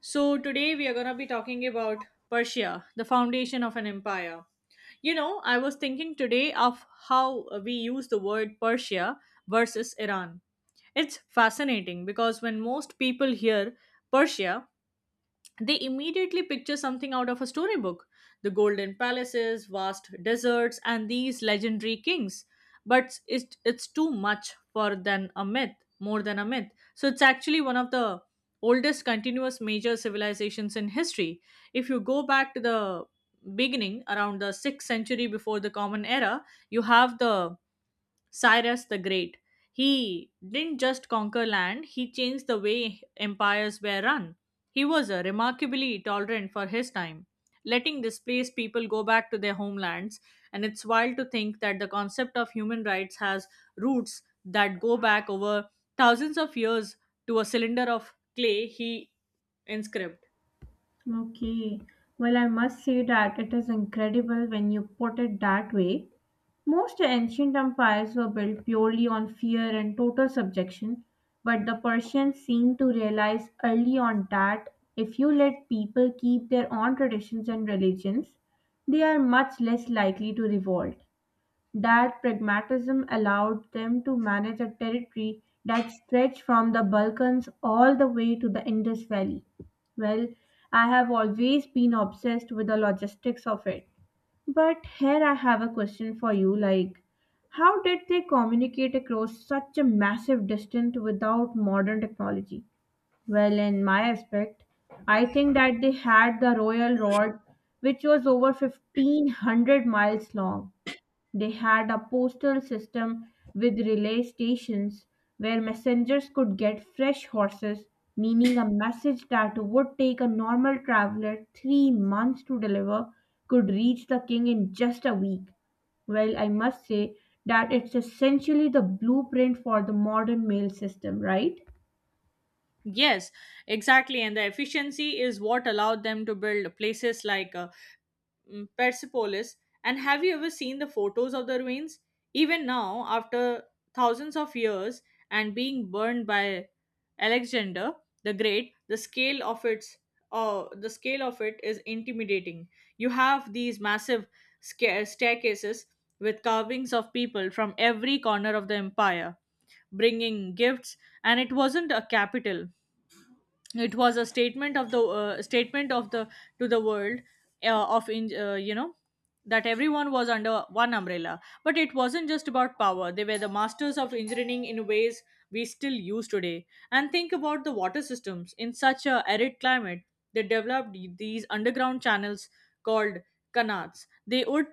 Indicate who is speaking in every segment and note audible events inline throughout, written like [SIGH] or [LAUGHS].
Speaker 1: So, today we are going to be talking about Persia, the foundation of an empire. You know, I was thinking today of how we use the word Persia versus Iran. It's fascinating because when most people hear Persia, they immediately picture something out of a storybook: the golden palaces, vast deserts, and these legendary kings. But it's too much for than a myth, more than a myth. So it's actually one of the oldest continuous major civilizations in history. If you go back to the beginning, around the 6th century before the Common Era, you have the Cyrus the Great. He didn't just conquer land, he changed the way empires were run. He was remarkably tolerant for his time, letting displaced people go back to their homelands, and it's wild to think that the concept of human rights has roots that go back over thousands of years to a cylinder of clay he inscribed.
Speaker 2: Okay. Well, I must say that it is incredible when you put it that way. Most ancient empires were built purely on fear and total subjection, but the Persians seemed to realize early on that if you let people keep their own traditions and religions, they are much less likely to revolt. That pragmatism allowed them to manage a territory that stretched from the Balkans all the way to the Indus Valley. Well, I have always been obsessed with the logistics of it. But here I have a question for you, how did they communicate across such a massive distance without modern technology? Well, in my aspect, I think that they had the royal road, which was over 1500 miles long. They had a postal system with relay stations where messengers could get fresh horses, meaning a message that would take a normal traveler 3 months to deliver could reach the king in just a week. Well, I must say that it's essentially the blueprint for the modern mail system, right?
Speaker 1: Yes, exactly. And the efficiency is what allowed them to build places like Persepolis. And have you ever seen the photos of the ruins? Even now, after thousands of years and being burned by Alexander the Great, the scale of its the scale of it is intimidating. You have these massive staircases with carvings of people from every corner of the empire, bringing gifts, and it wasn't a capital, it was a statement of the to the world of in, you know that everyone was under one umbrella. But it wasn't just about power, they were the masters of engineering in ways we still use today. And think about the water systems in such a arid climate, they developed these underground channels called canals. They would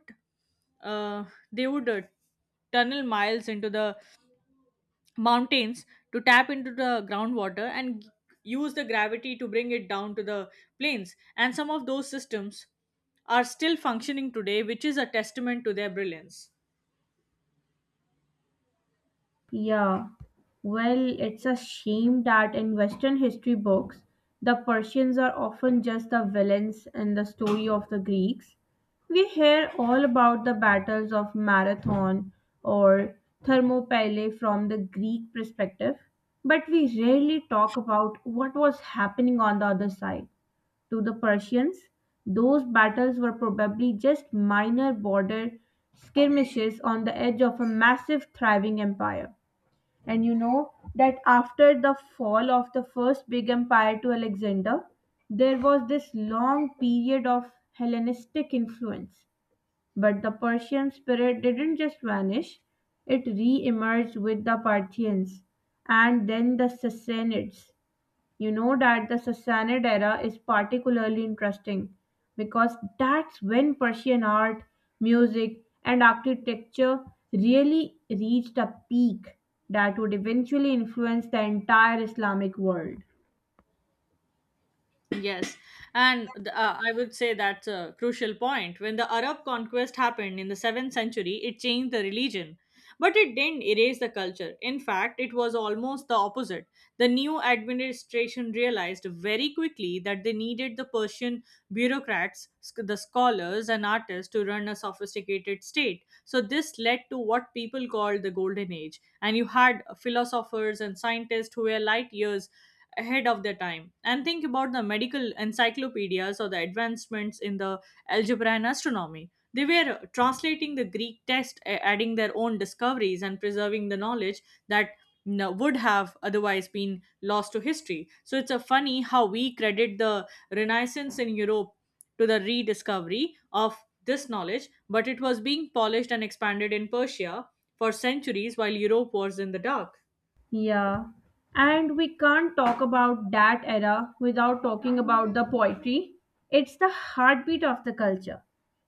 Speaker 1: uh, they would uh, tunnel miles into the mountains to tap into the groundwater and use the gravity to bring it down to the plains. And some of those systems are still functioning today, which is a testament to their brilliance.
Speaker 2: Yeah, well, it's a shame that in Western history books, the Persians are often just the villains in the story of the Greeks. We hear all about the battles of Marathon or Thermopylae from the Greek perspective, but we rarely talk about what was happening on the other side. To the Persians, those battles were probably just minor border skirmishes on the edge of a massive, thriving empire. And you know that after the fall of the first big empire to Alexander, there was this long period of Hellenistic influence. But the Persian spirit didn't just vanish, it re emerged with the Parthians and then the Sassanids. You know that the Sassanid era is particularly interesting because that's when Persian art, music, and architecture really reached a peak that would eventually influence the entire Islamic world.
Speaker 1: Yes, and I would say that's a crucial point. When the Arab conquest happened in the 7th century, it changed the religion, but it didn't erase the culture. In fact, it was almost the opposite. The new administration realized very quickly that they needed the Persian bureaucrats, the scholars, and artists to run a sophisticated state. So, this led to what people called the Golden Age, and you had philosophers and scientists who were light years ahead of their time. And think about the medical encyclopedias or the advancements in the algebra and astronomy. They were translating the greek text, adding their own discoveries and preserving the knowledge that would have otherwise been lost to history. So it's a funny how we credit the renaissance in europe to the rediscovery of this knowledge, but it was being polished and expanded in persia for centuries while europe was in the dark.
Speaker 2: Yeah, and we can't talk about that era without talking about the poetry. It's the heartbeat of the culture.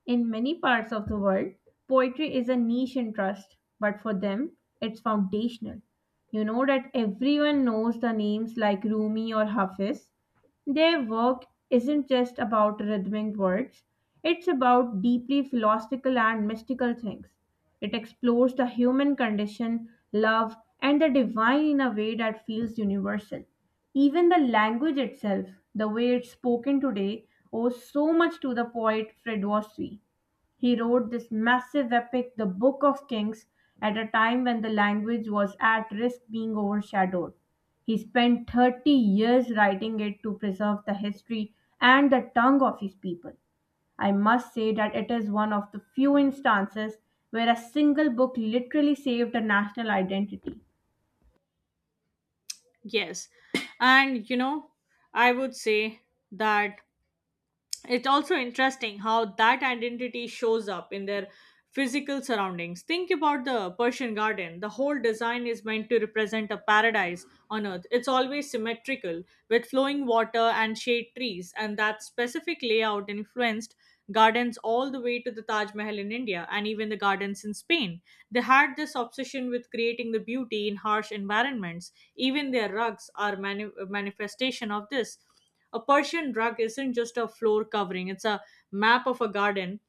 Speaker 2: In many parts of the world, poetry is a niche interest, but for them, it's foundational. You know that everyone knows the names like Rumi or Hafiz, their work isn't just about rhythmic words, it's about deeply philosophical and mystical things. It explores the human condition, love, and the divine in a way that feels universal. Even the language itself, the way it's spoken today, owes so much to the poet Fred Wassey. He wrote this massive epic, the Book of Kings, at a time when the language was at risk being overshadowed. He spent 30 years writing it to preserve the history and the tongue of his people. I must say that it is one of the few instances where a single book literally saved a national identity.
Speaker 1: Yes. And you know, I would say that it's also interesting how that identity shows up in their physical surroundings. Think about the Persian garden. The whole design is meant to represent a paradise on earth. It's always symmetrical with flowing water and shade trees, and that specific layout influenced gardens all the way to the Taj Mahal in India and even the gardens in Spain. They had this obsession with creating the beauty in harsh environments. Even their rugs are manifestation of this. A Persian rug isn't just a floor covering, it's a map of a garden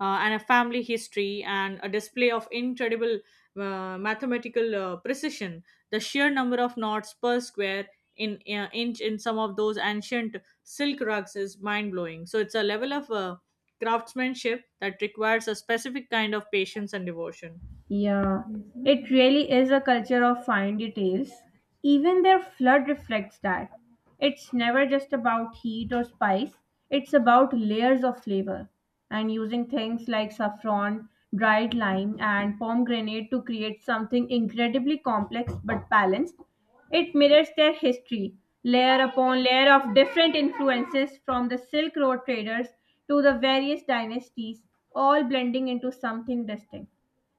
Speaker 1: uh, and a family history and a display of incredible mathematical precision. The sheer number of knots per square in inch in some of those ancient silk rugs is mind blowing. So it's a level of craftsmanship that requires a specific kind of patience and devotion.
Speaker 2: Yeah, it really is a culture of fine details. Even their flood reflects that. It's never just about heat or spice, it's about layers of flavor. And using things like saffron, dried lime, and pomegranate to create something incredibly complex but balanced, it mirrors their history, layer upon layer of different influences from the Silk Road traders to the various dynasties, all blending into something distinct.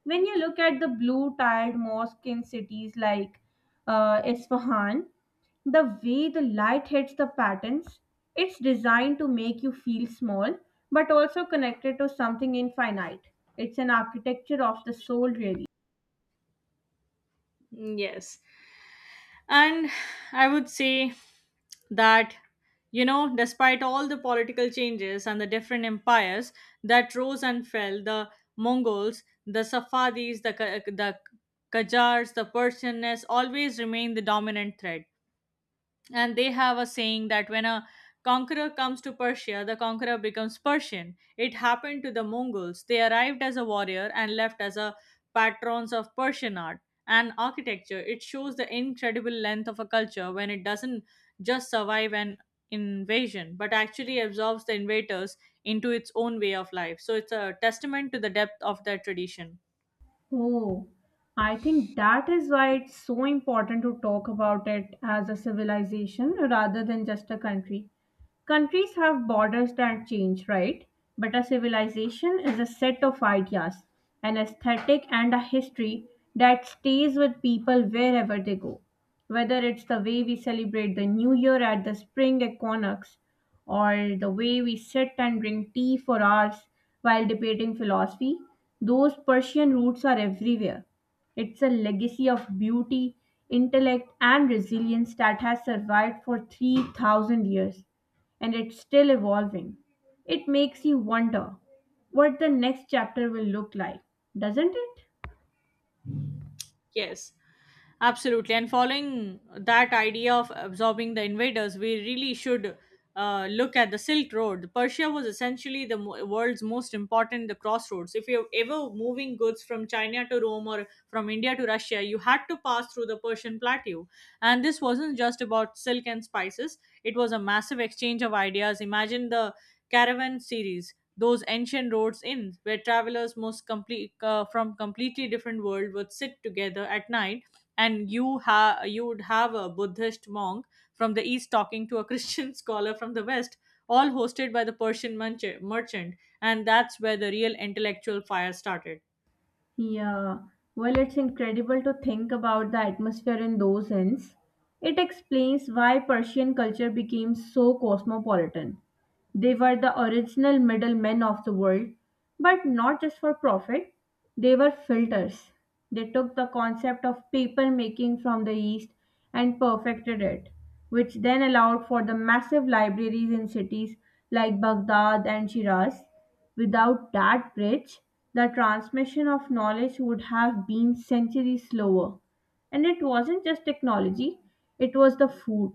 Speaker 2: When you look at the blue tiled mosque in cities like Isfahan, the way the light hits the patterns, it's designed to make you feel small but also connected to something infinite. It's an architecture of the soul, really.
Speaker 1: Yes, and I would say that, you know, despite all the political changes and the different empires that rose and fell, the Mongols, the Safavids, the Qajars, the Persianness always remained the dominant threat. And they have a saying that when a conqueror comes to Persia, the conqueror becomes Persian. It happened to the Mongols. They arrived as a warrior and left as a patrons of Persian art and architecture. It shows the incredible length of a culture when it doesn't just survive an invasion, but actually absorbs the invaders into its own way of life. So it's a testament to the depth of their tradition.
Speaker 2: Oh, I think that is why it's so important to talk about it as a civilization rather than just a country. Countries have borders that change, right? But a civilization is a set of ideas, an aesthetic, and a history that stays with people wherever they go. Whether it's the way we celebrate the new year at the spring equinox, or the way we sit and drink tea for hours while debating philosophy, those Persian roots are everywhere. It's a legacy of beauty, intellect, and resilience that has survived for 3,000 years and it's still evolving. It makes you wonder what the next chapter will look like, doesn't it?
Speaker 1: Yes, absolutely. And following that idea of absorbing the invaders, we really should look at the Silk Road. Persia was essentially the world's most important the crossroads. If you're ever moving goods from China to Rome or from India to Russia, you had to pass through the Persian plateau. And this wasn't just about silk and spices; it was a massive exchange of ideas. Imagine the caravan series, those ancient roads in where travelers most complete from completely different world would sit together at night, and you would have a buddhist monk from the east talking to a christian [LAUGHS] scholar from the west, all hosted by the merchant. And that's where the real intellectual fire started.
Speaker 2: Yeah, well, it's incredible to think about the atmosphere in those hints. It explains why Persian culture became so cosmopolitan. They were the original middlemen of the world, but not just for profit, they were filters. They took the concept of paper making from the East and perfected it, which then allowed for the massive libraries in cities like Baghdad and Shiraz. Without that bridge, the transmission of knowledge would have been centuries slower. And it wasn't just technology, it was the food.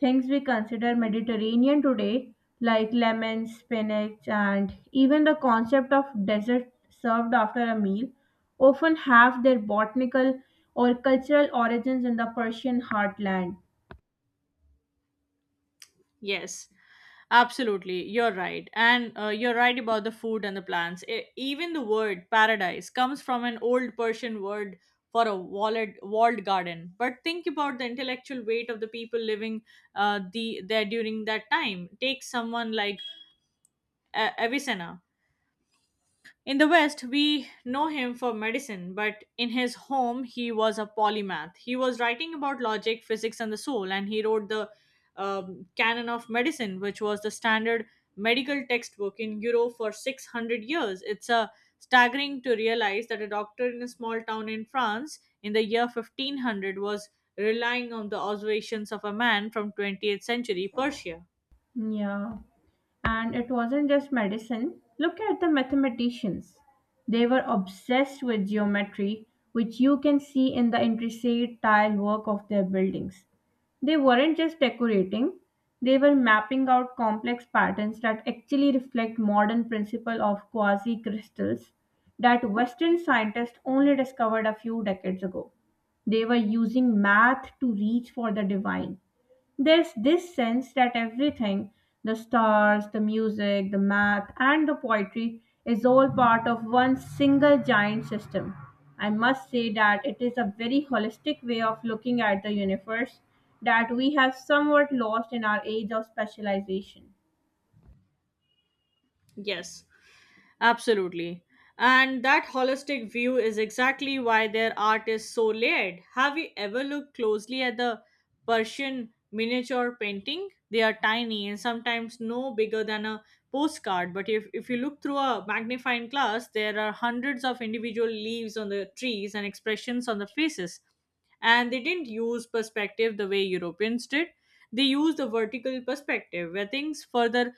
Speaker 2: Things we consider Mediterranean today, like lemon, spinach, and even the concept of dessert served after a meal, often have their botanical or cultural origins in the Persian heartland.
Speaker 1: Yes, absolutely, you're right. And you're right about the food and the plants. Even the word paradise comes from an old Persian word for a walled garden. But think about the intellectual weight of the people living there during that time. Take someone like Avicenna. In the West, we know him for medicine, but in his home, he was a polymath. He was writing about logic, physics, and the soul, and he wrote the Canon of Medicine, which was the standard medical textbook in Europe for 600 years. It's a staggering to realize that a doctor in a small town in France in the year 1500 was relying on the observations of a man from 20th century Persia.
Speaker 2: Yeah. And it wasn't just medicine. Look at the mathematicians. They were obsessed with geometry, which you can see in the intricate tile work of their buildings. They weren't just decorating, they were mapping out complex patterns that actually reflect modern principle of quasi crystals that Western scientists only discovered a few decades ago. They were using math to reach for the divine. There's this sense that everything the stars, the music, the math, and the poetry is all part of one single giant system. I must say that it is a very holistic way of looking at the universe that we have somewhat lost in our age of specialization.
Speaker 1: Yes. Absolutely. And that holistic view is exactly why their art is so layered. Have you ever looked closely at the Persian miniature painting? They are tiny and sometimes no bigger than a postcard, but if you look through a magnifying glass, there are hundreds of individual leaves on the trees and expressions on the faces. And they didn't use perspective the way Europeans did. They used the vertical perspective where things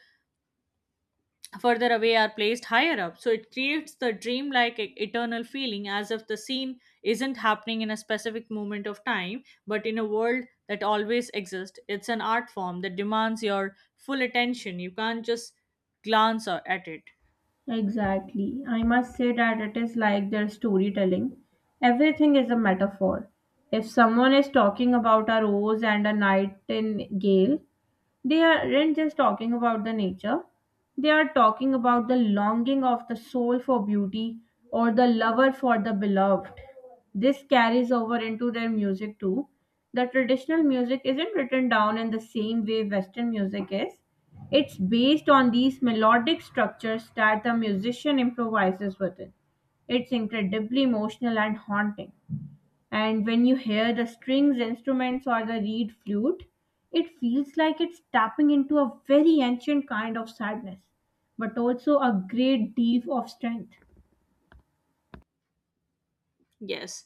Speaker 1: further away are placed higher up. So it creates the dreamlike eternal feeling as if the scene isn't happening in a specific moment of time, but in a world that always exists. It's an art form that demands your full attention. You can't just glance at it.
Speaker 2: Exactly. I must say that it is like their storytelling. Everything is a metaphor. If someone is talking about a rose and a nightingale, they aren't just talking about the nature they are talking about the longing of the soul for beauty or the lover for the beloved. This carries over into their music too. The traditional music isn't written down in the same way western music is, it's based on these melodic structures that the musician improvises within. It's incredibly emotional and haunting, and when you hear the strings instruments or the reed flute, it feels like it's tapping into a very ancient kind of sadness, but also a great deal of strength.
Speaker 1: Yes.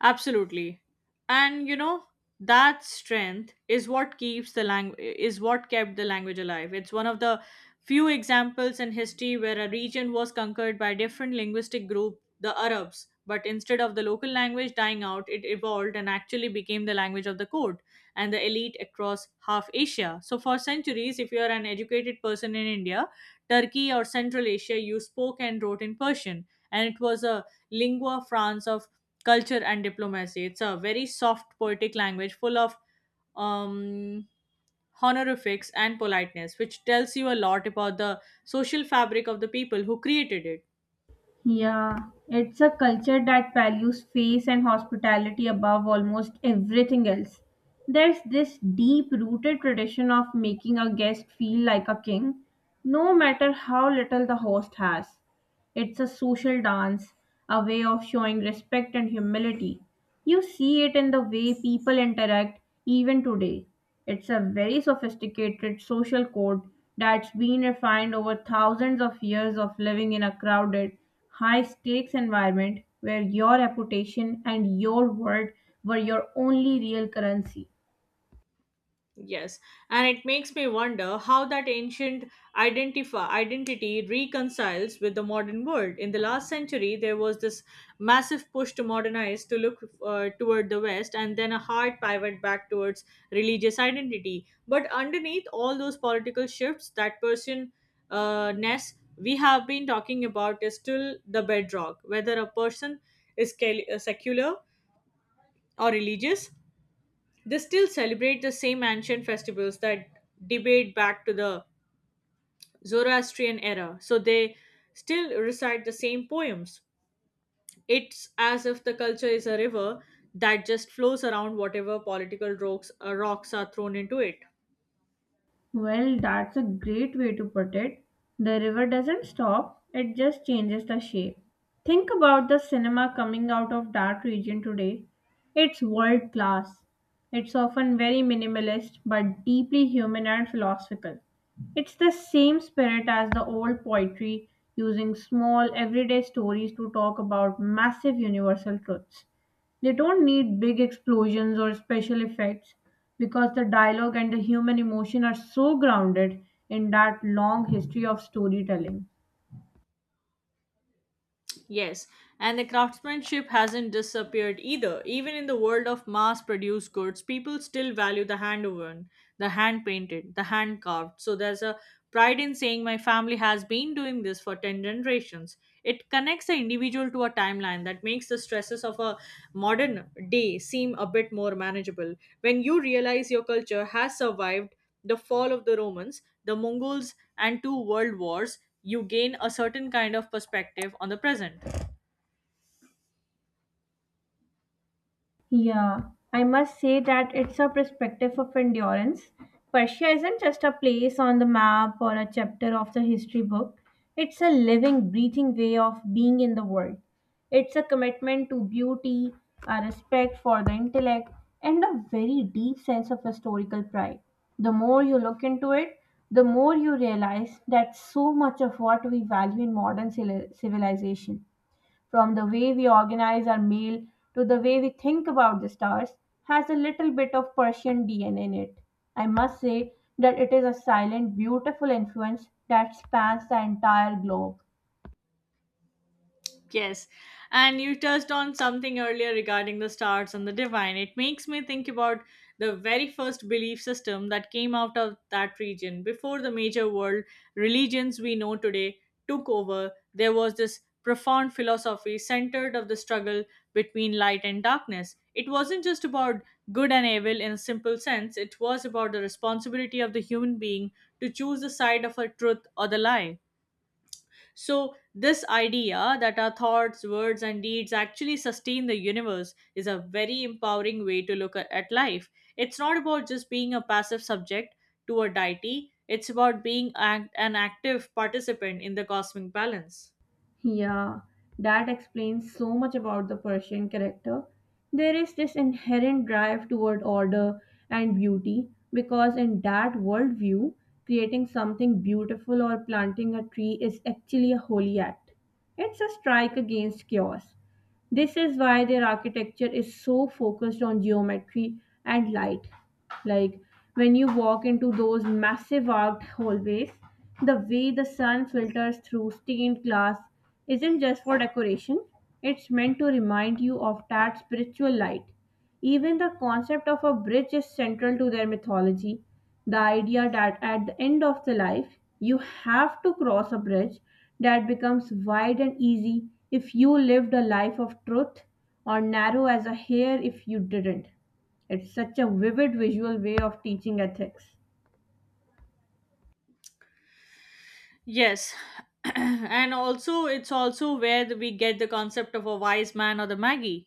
Speaker 1: Absolutely. And you know, that strength is what keeps the language is what kept the language alive. It's one of the few examples in history where a region was conquered by a different linguistic group, the Arabs, but instead of the local language dying out, it evolved and actually became the language of the court and the elite across half Asia. So for centuries, if you are an educated person in India, Turkey or Central Asia, you spoke and wrote in Persian, and it was a lingua franca of culture and diplomacy. It's a very soft poetic language full of um, honorifics and politeness, which tells you a lot about the social fabric of the people who created it.
Speaker 2: Yeah, it's a culture that values faith and hospitality above almost everything else. There's this deep rooted tradition of making a guest feel like a king, no matter how little the host has. It's a social dance, a way of showing respect and humility. You see it in the way people interact even today. It's a very sophisticated social code that's been refined over thousands of years of living in a crowded, high stakes environment where your reputation and your word were your only real currency.
Speaker 1: Yes, and it makes me wonder how that ancient identity reconciles with the modern world. In the last century, there was this massive push to modernize, to look toward the West, and then a hard pivot back towards religious identity. But underneath all those political shifts, that person ness we have been talking about is still the bedrock. Whether a person is secular or religious, they still celebrate the same ancient festivals that debate back to the Zoroastrian era, so they still recite the same poems. It's as if the culture is a river that just flows around whatever political rocks are thrown into it.
Speaker 2: Well, that's a great way to put it. The river doesn't stop, it just changes the shape. Think about the cinema coming out of that region today. It's world class. It's often very minimalist but deeply human and philosophical. It's the same spirit as the old poetry, using small everyday stories to talk about massive universal truths. They don't need big explosions or special effects because the dialogue and the human emotion are so grounded in that long history of storytelling.
Speaker 1: Yes, and the craftsmanship hasn't disappeared either. Even in the world of mass produced goods, people still value the hand woven, the hand painted, the hand carved. So there's a pride in saying my family has been doing this for 10 generations. It connects the individual to a timeline that makes the stresses of a modern day seem a bit more manageable. When you realize your culture has survived the fall of the Romans, the Mongols, and two world wars, you gain a certain kind of perspective on the present.
Speaker 2: Yeah, I must say that it's a perspective of endurance. Persia isn't just a place on the map or a chapter of the history book, it's a living, breathing way of being in the world. It's a commitment to beauty, a respect for the intellect, and a very deep sense of historical pride. The more you look into it, the more you realize that so much of what we value in modern civilization from the way we organize our mail to the way we think about the stars has a little bit of Persian DNA in it. I must say that it is a silent, beautiful influence that spans the entire globe.
Speaker 1: Yes. And you touched on something earlier regarding the stars and the divine. It makes me think about the very first belief system that came out of that region. Before the major world religions we know today took over, there was this profound philosophy centered of the struggle between light and darkness. It wasn't just about good and evil in a simple sense, it was about the responsibility of the human being to choose the side of a truth or the lie. So, this idea that our thoughts, words, and deeds actually sustain the universe is a very empowering way to look at life. It's not about just being a passive subject to a deity, it's about being an active participant in the cosmic balance.
Speaker 2: Yeah, that explains so much about the Persian character. There is this inherent drive toward order and beauty because, in that worldview, creating something beautiful or planting a tree is actually a holy act. It's a strike against chaos. This is why their architecture is so focused on geometry and light. Like when you walk into those massive arched hallways, the way the sun filters through stained glass isn't just for decoration, it's meant to remind you of that spiritual light. Even the concept of a bridge is central to their mythology, the idea that at the end of the life you have to cross a bridge that becomes wide and easy if you lived a life of truth or narrow as a hair if you didn't. It's such a vivid visual way of teaching ethics.
Speaker 1: Yes. [CLEARS THROAT] And also, it's also where we get the concept of a wise man or the Magi.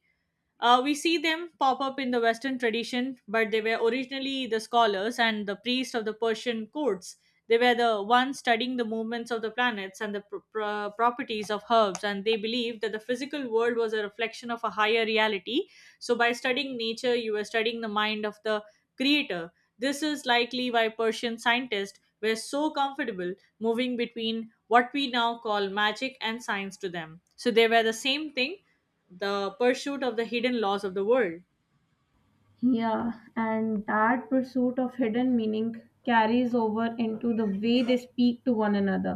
Speaker 1: We see them pop up in the Western tradition, but they were originally the scholars and the priests of the Persian courts. They were the ones studying the movements of the planets and the properties of herbs, and they believed that the physical world was a reflection of a higher reality, so, by studying nature, you were studying the mind of the creator. This is likely why Persian scientists were so comfortable moving between what we now call magic and science to them. So, they were the same thing, the pursuit of the hidden laws of the world.
Speaker 2: Yeah, and that pursuit of hidden meaning carries over into the way they speak to one another.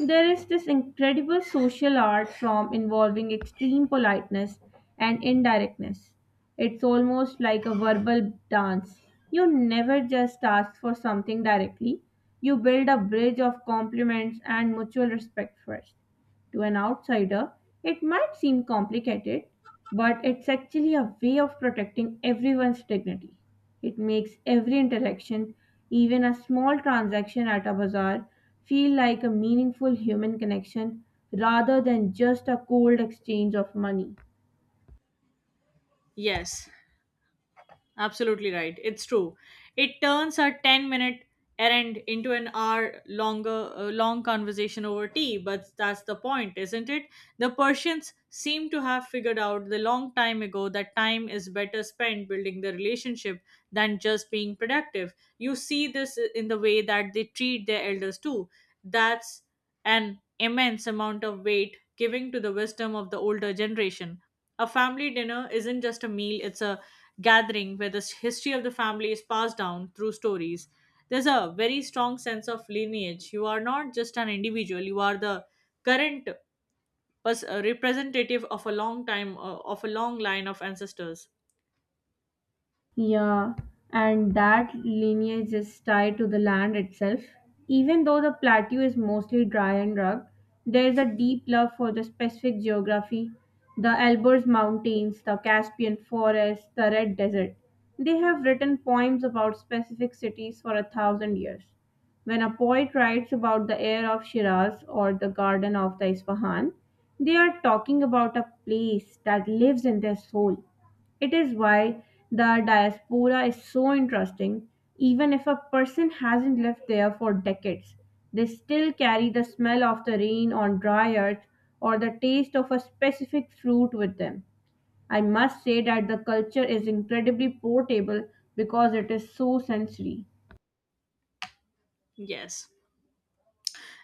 Speaker 2: There is this incredible social art form involving extreme politeness and indirectness. It's almost like a verbal dance. You never just ask for something directly, you build a bridge of compliments and mutual respect first. To an outsider, it might seem complicated, but it's actually a way of protecting everyone's dignity. It makes every interaction, even a small transaction at a bazaar, feel like a meaningful human connection rather than just a cold exchange of money.
Speaker 1: Yes. Absolutely right. It's true. It turns a 10-minute minute errand into an hour long conversation over tea, but that's the point, isn't it? The Persians seem to have figured out the long time ago that time is better spent building the relationship than just being productive. You see this in the way that they treat their elders too. That's an immense amount of weight giving to the wisdom of the older generation. A family dinner isn't just a meal, it's a gathering where the history of the family is passed down through stories. There's a very strong sense of lineage. You are not just an individual, you are the current representative of a long line of ancestors.
Speaker 2: Yeah, and that lineage is tied to the land itself. Even though the plateau is mostly dry and rugged, there is a deep love for the specific geography. The Elburz Mountains, the Caspian Forest, the Red Desert. They have written poems about specific cities for a thousand years. When a poet writes about the air of Shiraz or the garden of the Isfahan, they are talking about a place that lives in their soul. It is why the diaspora is so interesting. Even if a person hasn't lived there for decades, they still carry the smell of the rain on dry earth or the taste of a specific fruit with them. I must say that the culture is incredibly portable because it is so sensory.
Speaker 1: Yes.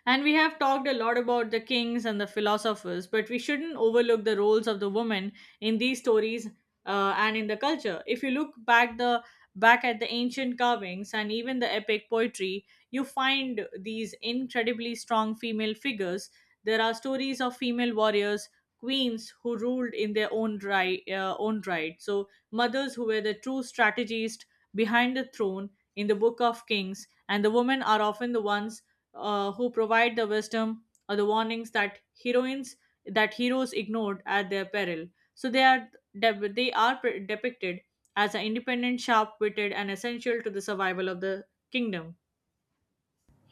Speaker 1: And we have talked a lot about the kings and the philosophers, but we shouldn't overlook the roles of the women in these stories, and in the culture. If you look back at the ancient carvings and even the epic poetry, you find these incredibly strong female figures. There are stories of female warriors, queens who ruled in their own right. So mothers who were the true strategists behind the throne in the Book of Kings, and the women are often the ones, who provide the wisdom or the warnings that heroines that heroes ignored at their peril. So they are depicted as an independent, sharp-witted, and essential to the survival of the kingdom.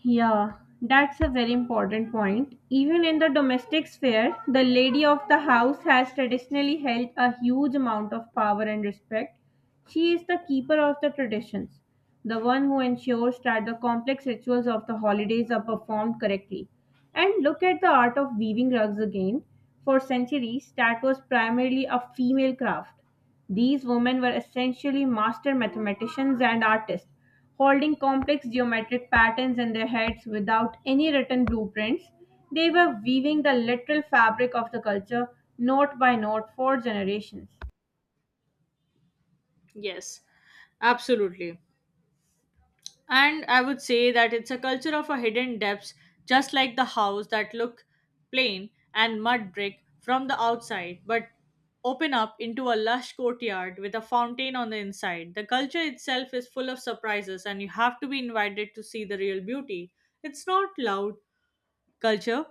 Speaker 2: Yeah, that's a very important point. Even in the domestic sphere, the lady of the house has traditionally held a huge amount of power and respect. She is the keeper of the traditions, the one who ensures that the complex rituals of the holidays are performed correctly. And look at the art of weaving rugs again. For centuries, that was primarily a female craft. These women were essentially master mathematicians and artists, holding complex geometric patterns in their heads without any written blueprints. They were weaving the literal fabric of the culture, note by note, for generations.
Speaker 1: Yes, absolutely. And I would say that it's a culture of a hidden depths, just like the house that look plain and mud brick from the outside, but open up into a lush courtyard with a fountain on the inside. The culture itself is full of surprises, and you have to be invited to see the real beauty. It's not loud, culture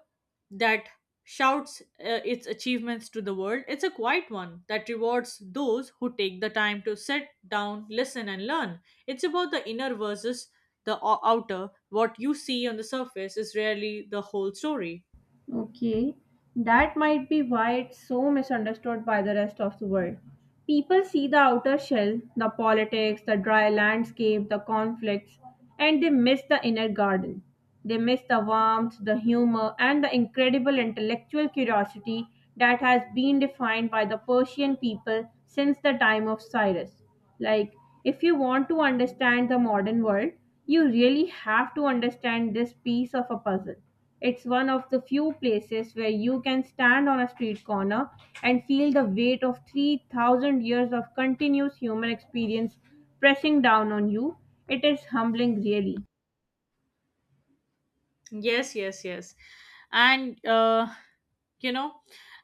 Speaker 1: that shouts its achievements to the world. It's a quiet one that rewards those who take the time to sit down, listen, and learn. It's about the inner versus the outer. What you see on the surface is rarely the whole story.
Speaker 2: Okay, that might be why it's so misunderstood by the rest of the world. People see the outer shell, the politics, the dry landscape, the conflicts, and they miss the inner garden. They miss the warmth, the humor, and the incredible intellectual curiosity that has been defined by the Persian people since the time of Cyrus. Like, if you want to understand the modern world, you really have to understand this piece of a puzzle. It's one of the few places where you can stand on a street corner and feel the weight of 3,000 years of continuous human experience pressing down on you. It is humbling, really.
Speaker 1: Yes, yes, yes. And you know,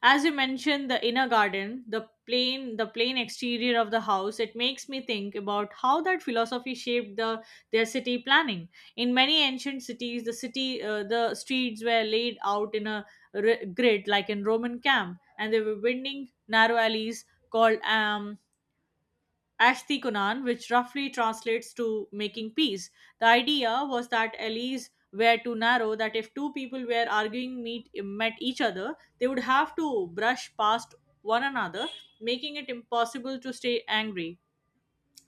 Speaker 1: as you mentioned, the inner garden, the plain exterior of the house, it makes me think about how that philosophy shaped their city planning. In many ancient cities, the streets were laid out in a grid, like in Roman camp, and they were winding narrow alleys called Ashti Kunan, which roughly translates to making peace. The idea was that alleys were too narrow, that if two people were arguing met each other, they would have to brush past one another, making it impossible to stay angry.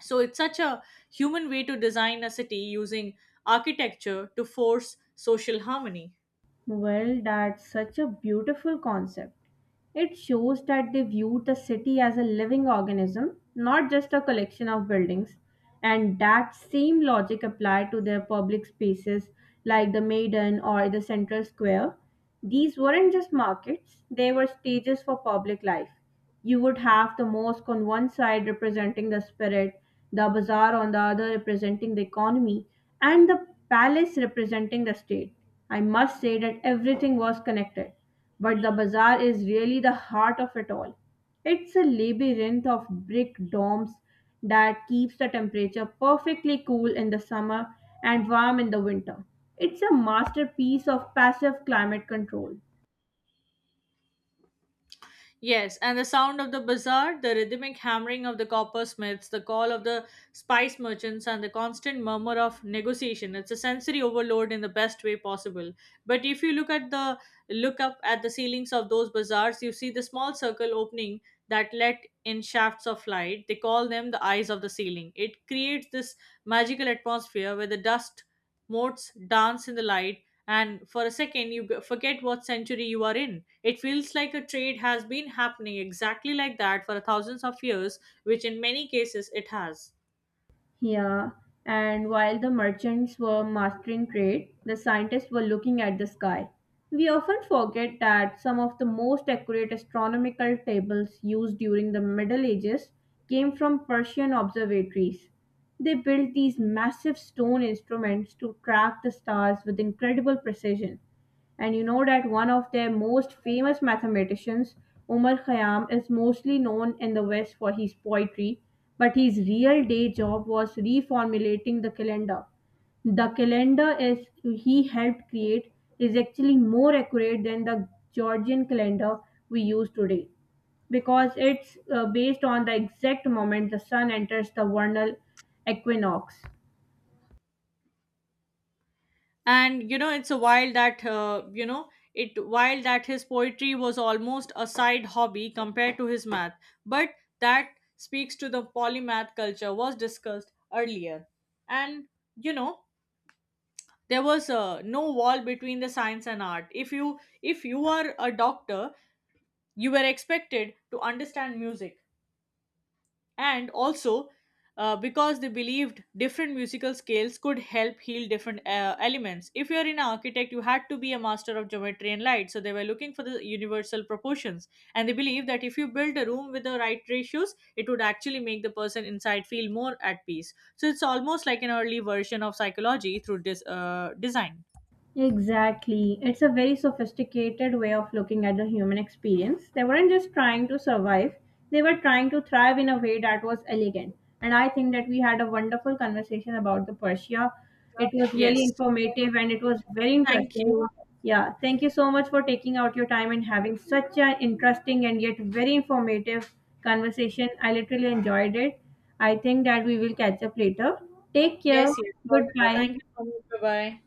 Speaker 1: So it's such a human way to design a city using architecture to force social harmony.
Speaker 2: Well, that's such a beautiful concept. It shows that they viewed the city as a living organism, not just a collection of buildings. And that same logic applied to their public spaces like the Maidan or the Central Square. These weren't just markets, they were stages for public life. You would have the mosque on one side representing the spirit, the bazaar on the other representing the economy, and the palace representing the state. I must say that everything was connected, but the bazaar is really the heart of it all. It's a labyrinth of brick domes that keeps the temperature perfectly cool in the summer and warm in the winter. It's a masterpiece of passive climate control.
Speaker 1: Yes, and the sound of the bazaar, the rhythmic hammering of the coppersmiths, the call of the spice merchants, and the constant murmur of negotiation. It's a sensory overload in the best way possible. But if you look up at the ceilings of those bazaars, you see the small circle opening that let in shafts of light. They call them the eyes of the ceiling. It creates this magical atmosphere where the dust motes dance in the light, and for a second you forget what century you are in. It feels like a trade has been happening exactly like that for thousands of years, which in many cases it has.
Speaker 2: Yeah, and while the merchants were mastering trade, the scientists were looking at the sky. We often forget that some of the most accurate astronomical tables used during the Middle Ages came from Persian observatories. They built these massive stone instruments to track the stars with incredible precision. And you know that one of their most famous mathematicians, Umar Khayyam, is mostly known in the West for his poetry, but his real day job was reformulating the calendar. The calendar is he helped create is actually more accurate than the Georgian calendar we use today because it's based on the exact moment the sun enters the vernal equinox.
Speaker 1: And it's a while that it while that his poetry was almost a side hobby compared to his math, but that speaks to the polymath culture was discussed earlier. And you know there was no wall between the science and art. If you if you are a doctor, you were expected to understand music, and also because they believed different musical scales could help heal different elements. If you're an architect, you had to be a master of geometry and light, so they were looking for the universal proportions. And they believed that if you build a room with the right ratios, it would actually make the person inside feel more at peace. So it's almost like an early version of psychology through design.
Speaker 2: Exactly. It's a very sophisticated way of looking at the human experience. They weren't just trying to survive, they were trying to thrive in a way that was elegant. And I think that we had a wonderful conversation about the Persia. It was really
Speaker 1: Yes.
Speaker 2: informative and it was very
Speaker 1: Thank
Speaker 2: interesting.
Speaker 1: you.
Speaker 2: Yeah, thank you so much for taking out your time and having such an interesting and yet very informative conversation. I literally enjoyed it. I think that we will catch up later. Take care.
Speaker 1: Yes, yes, for sure.
Speaker 2: Goodbye.
Speaker 1: Thank you so much. Bye bye.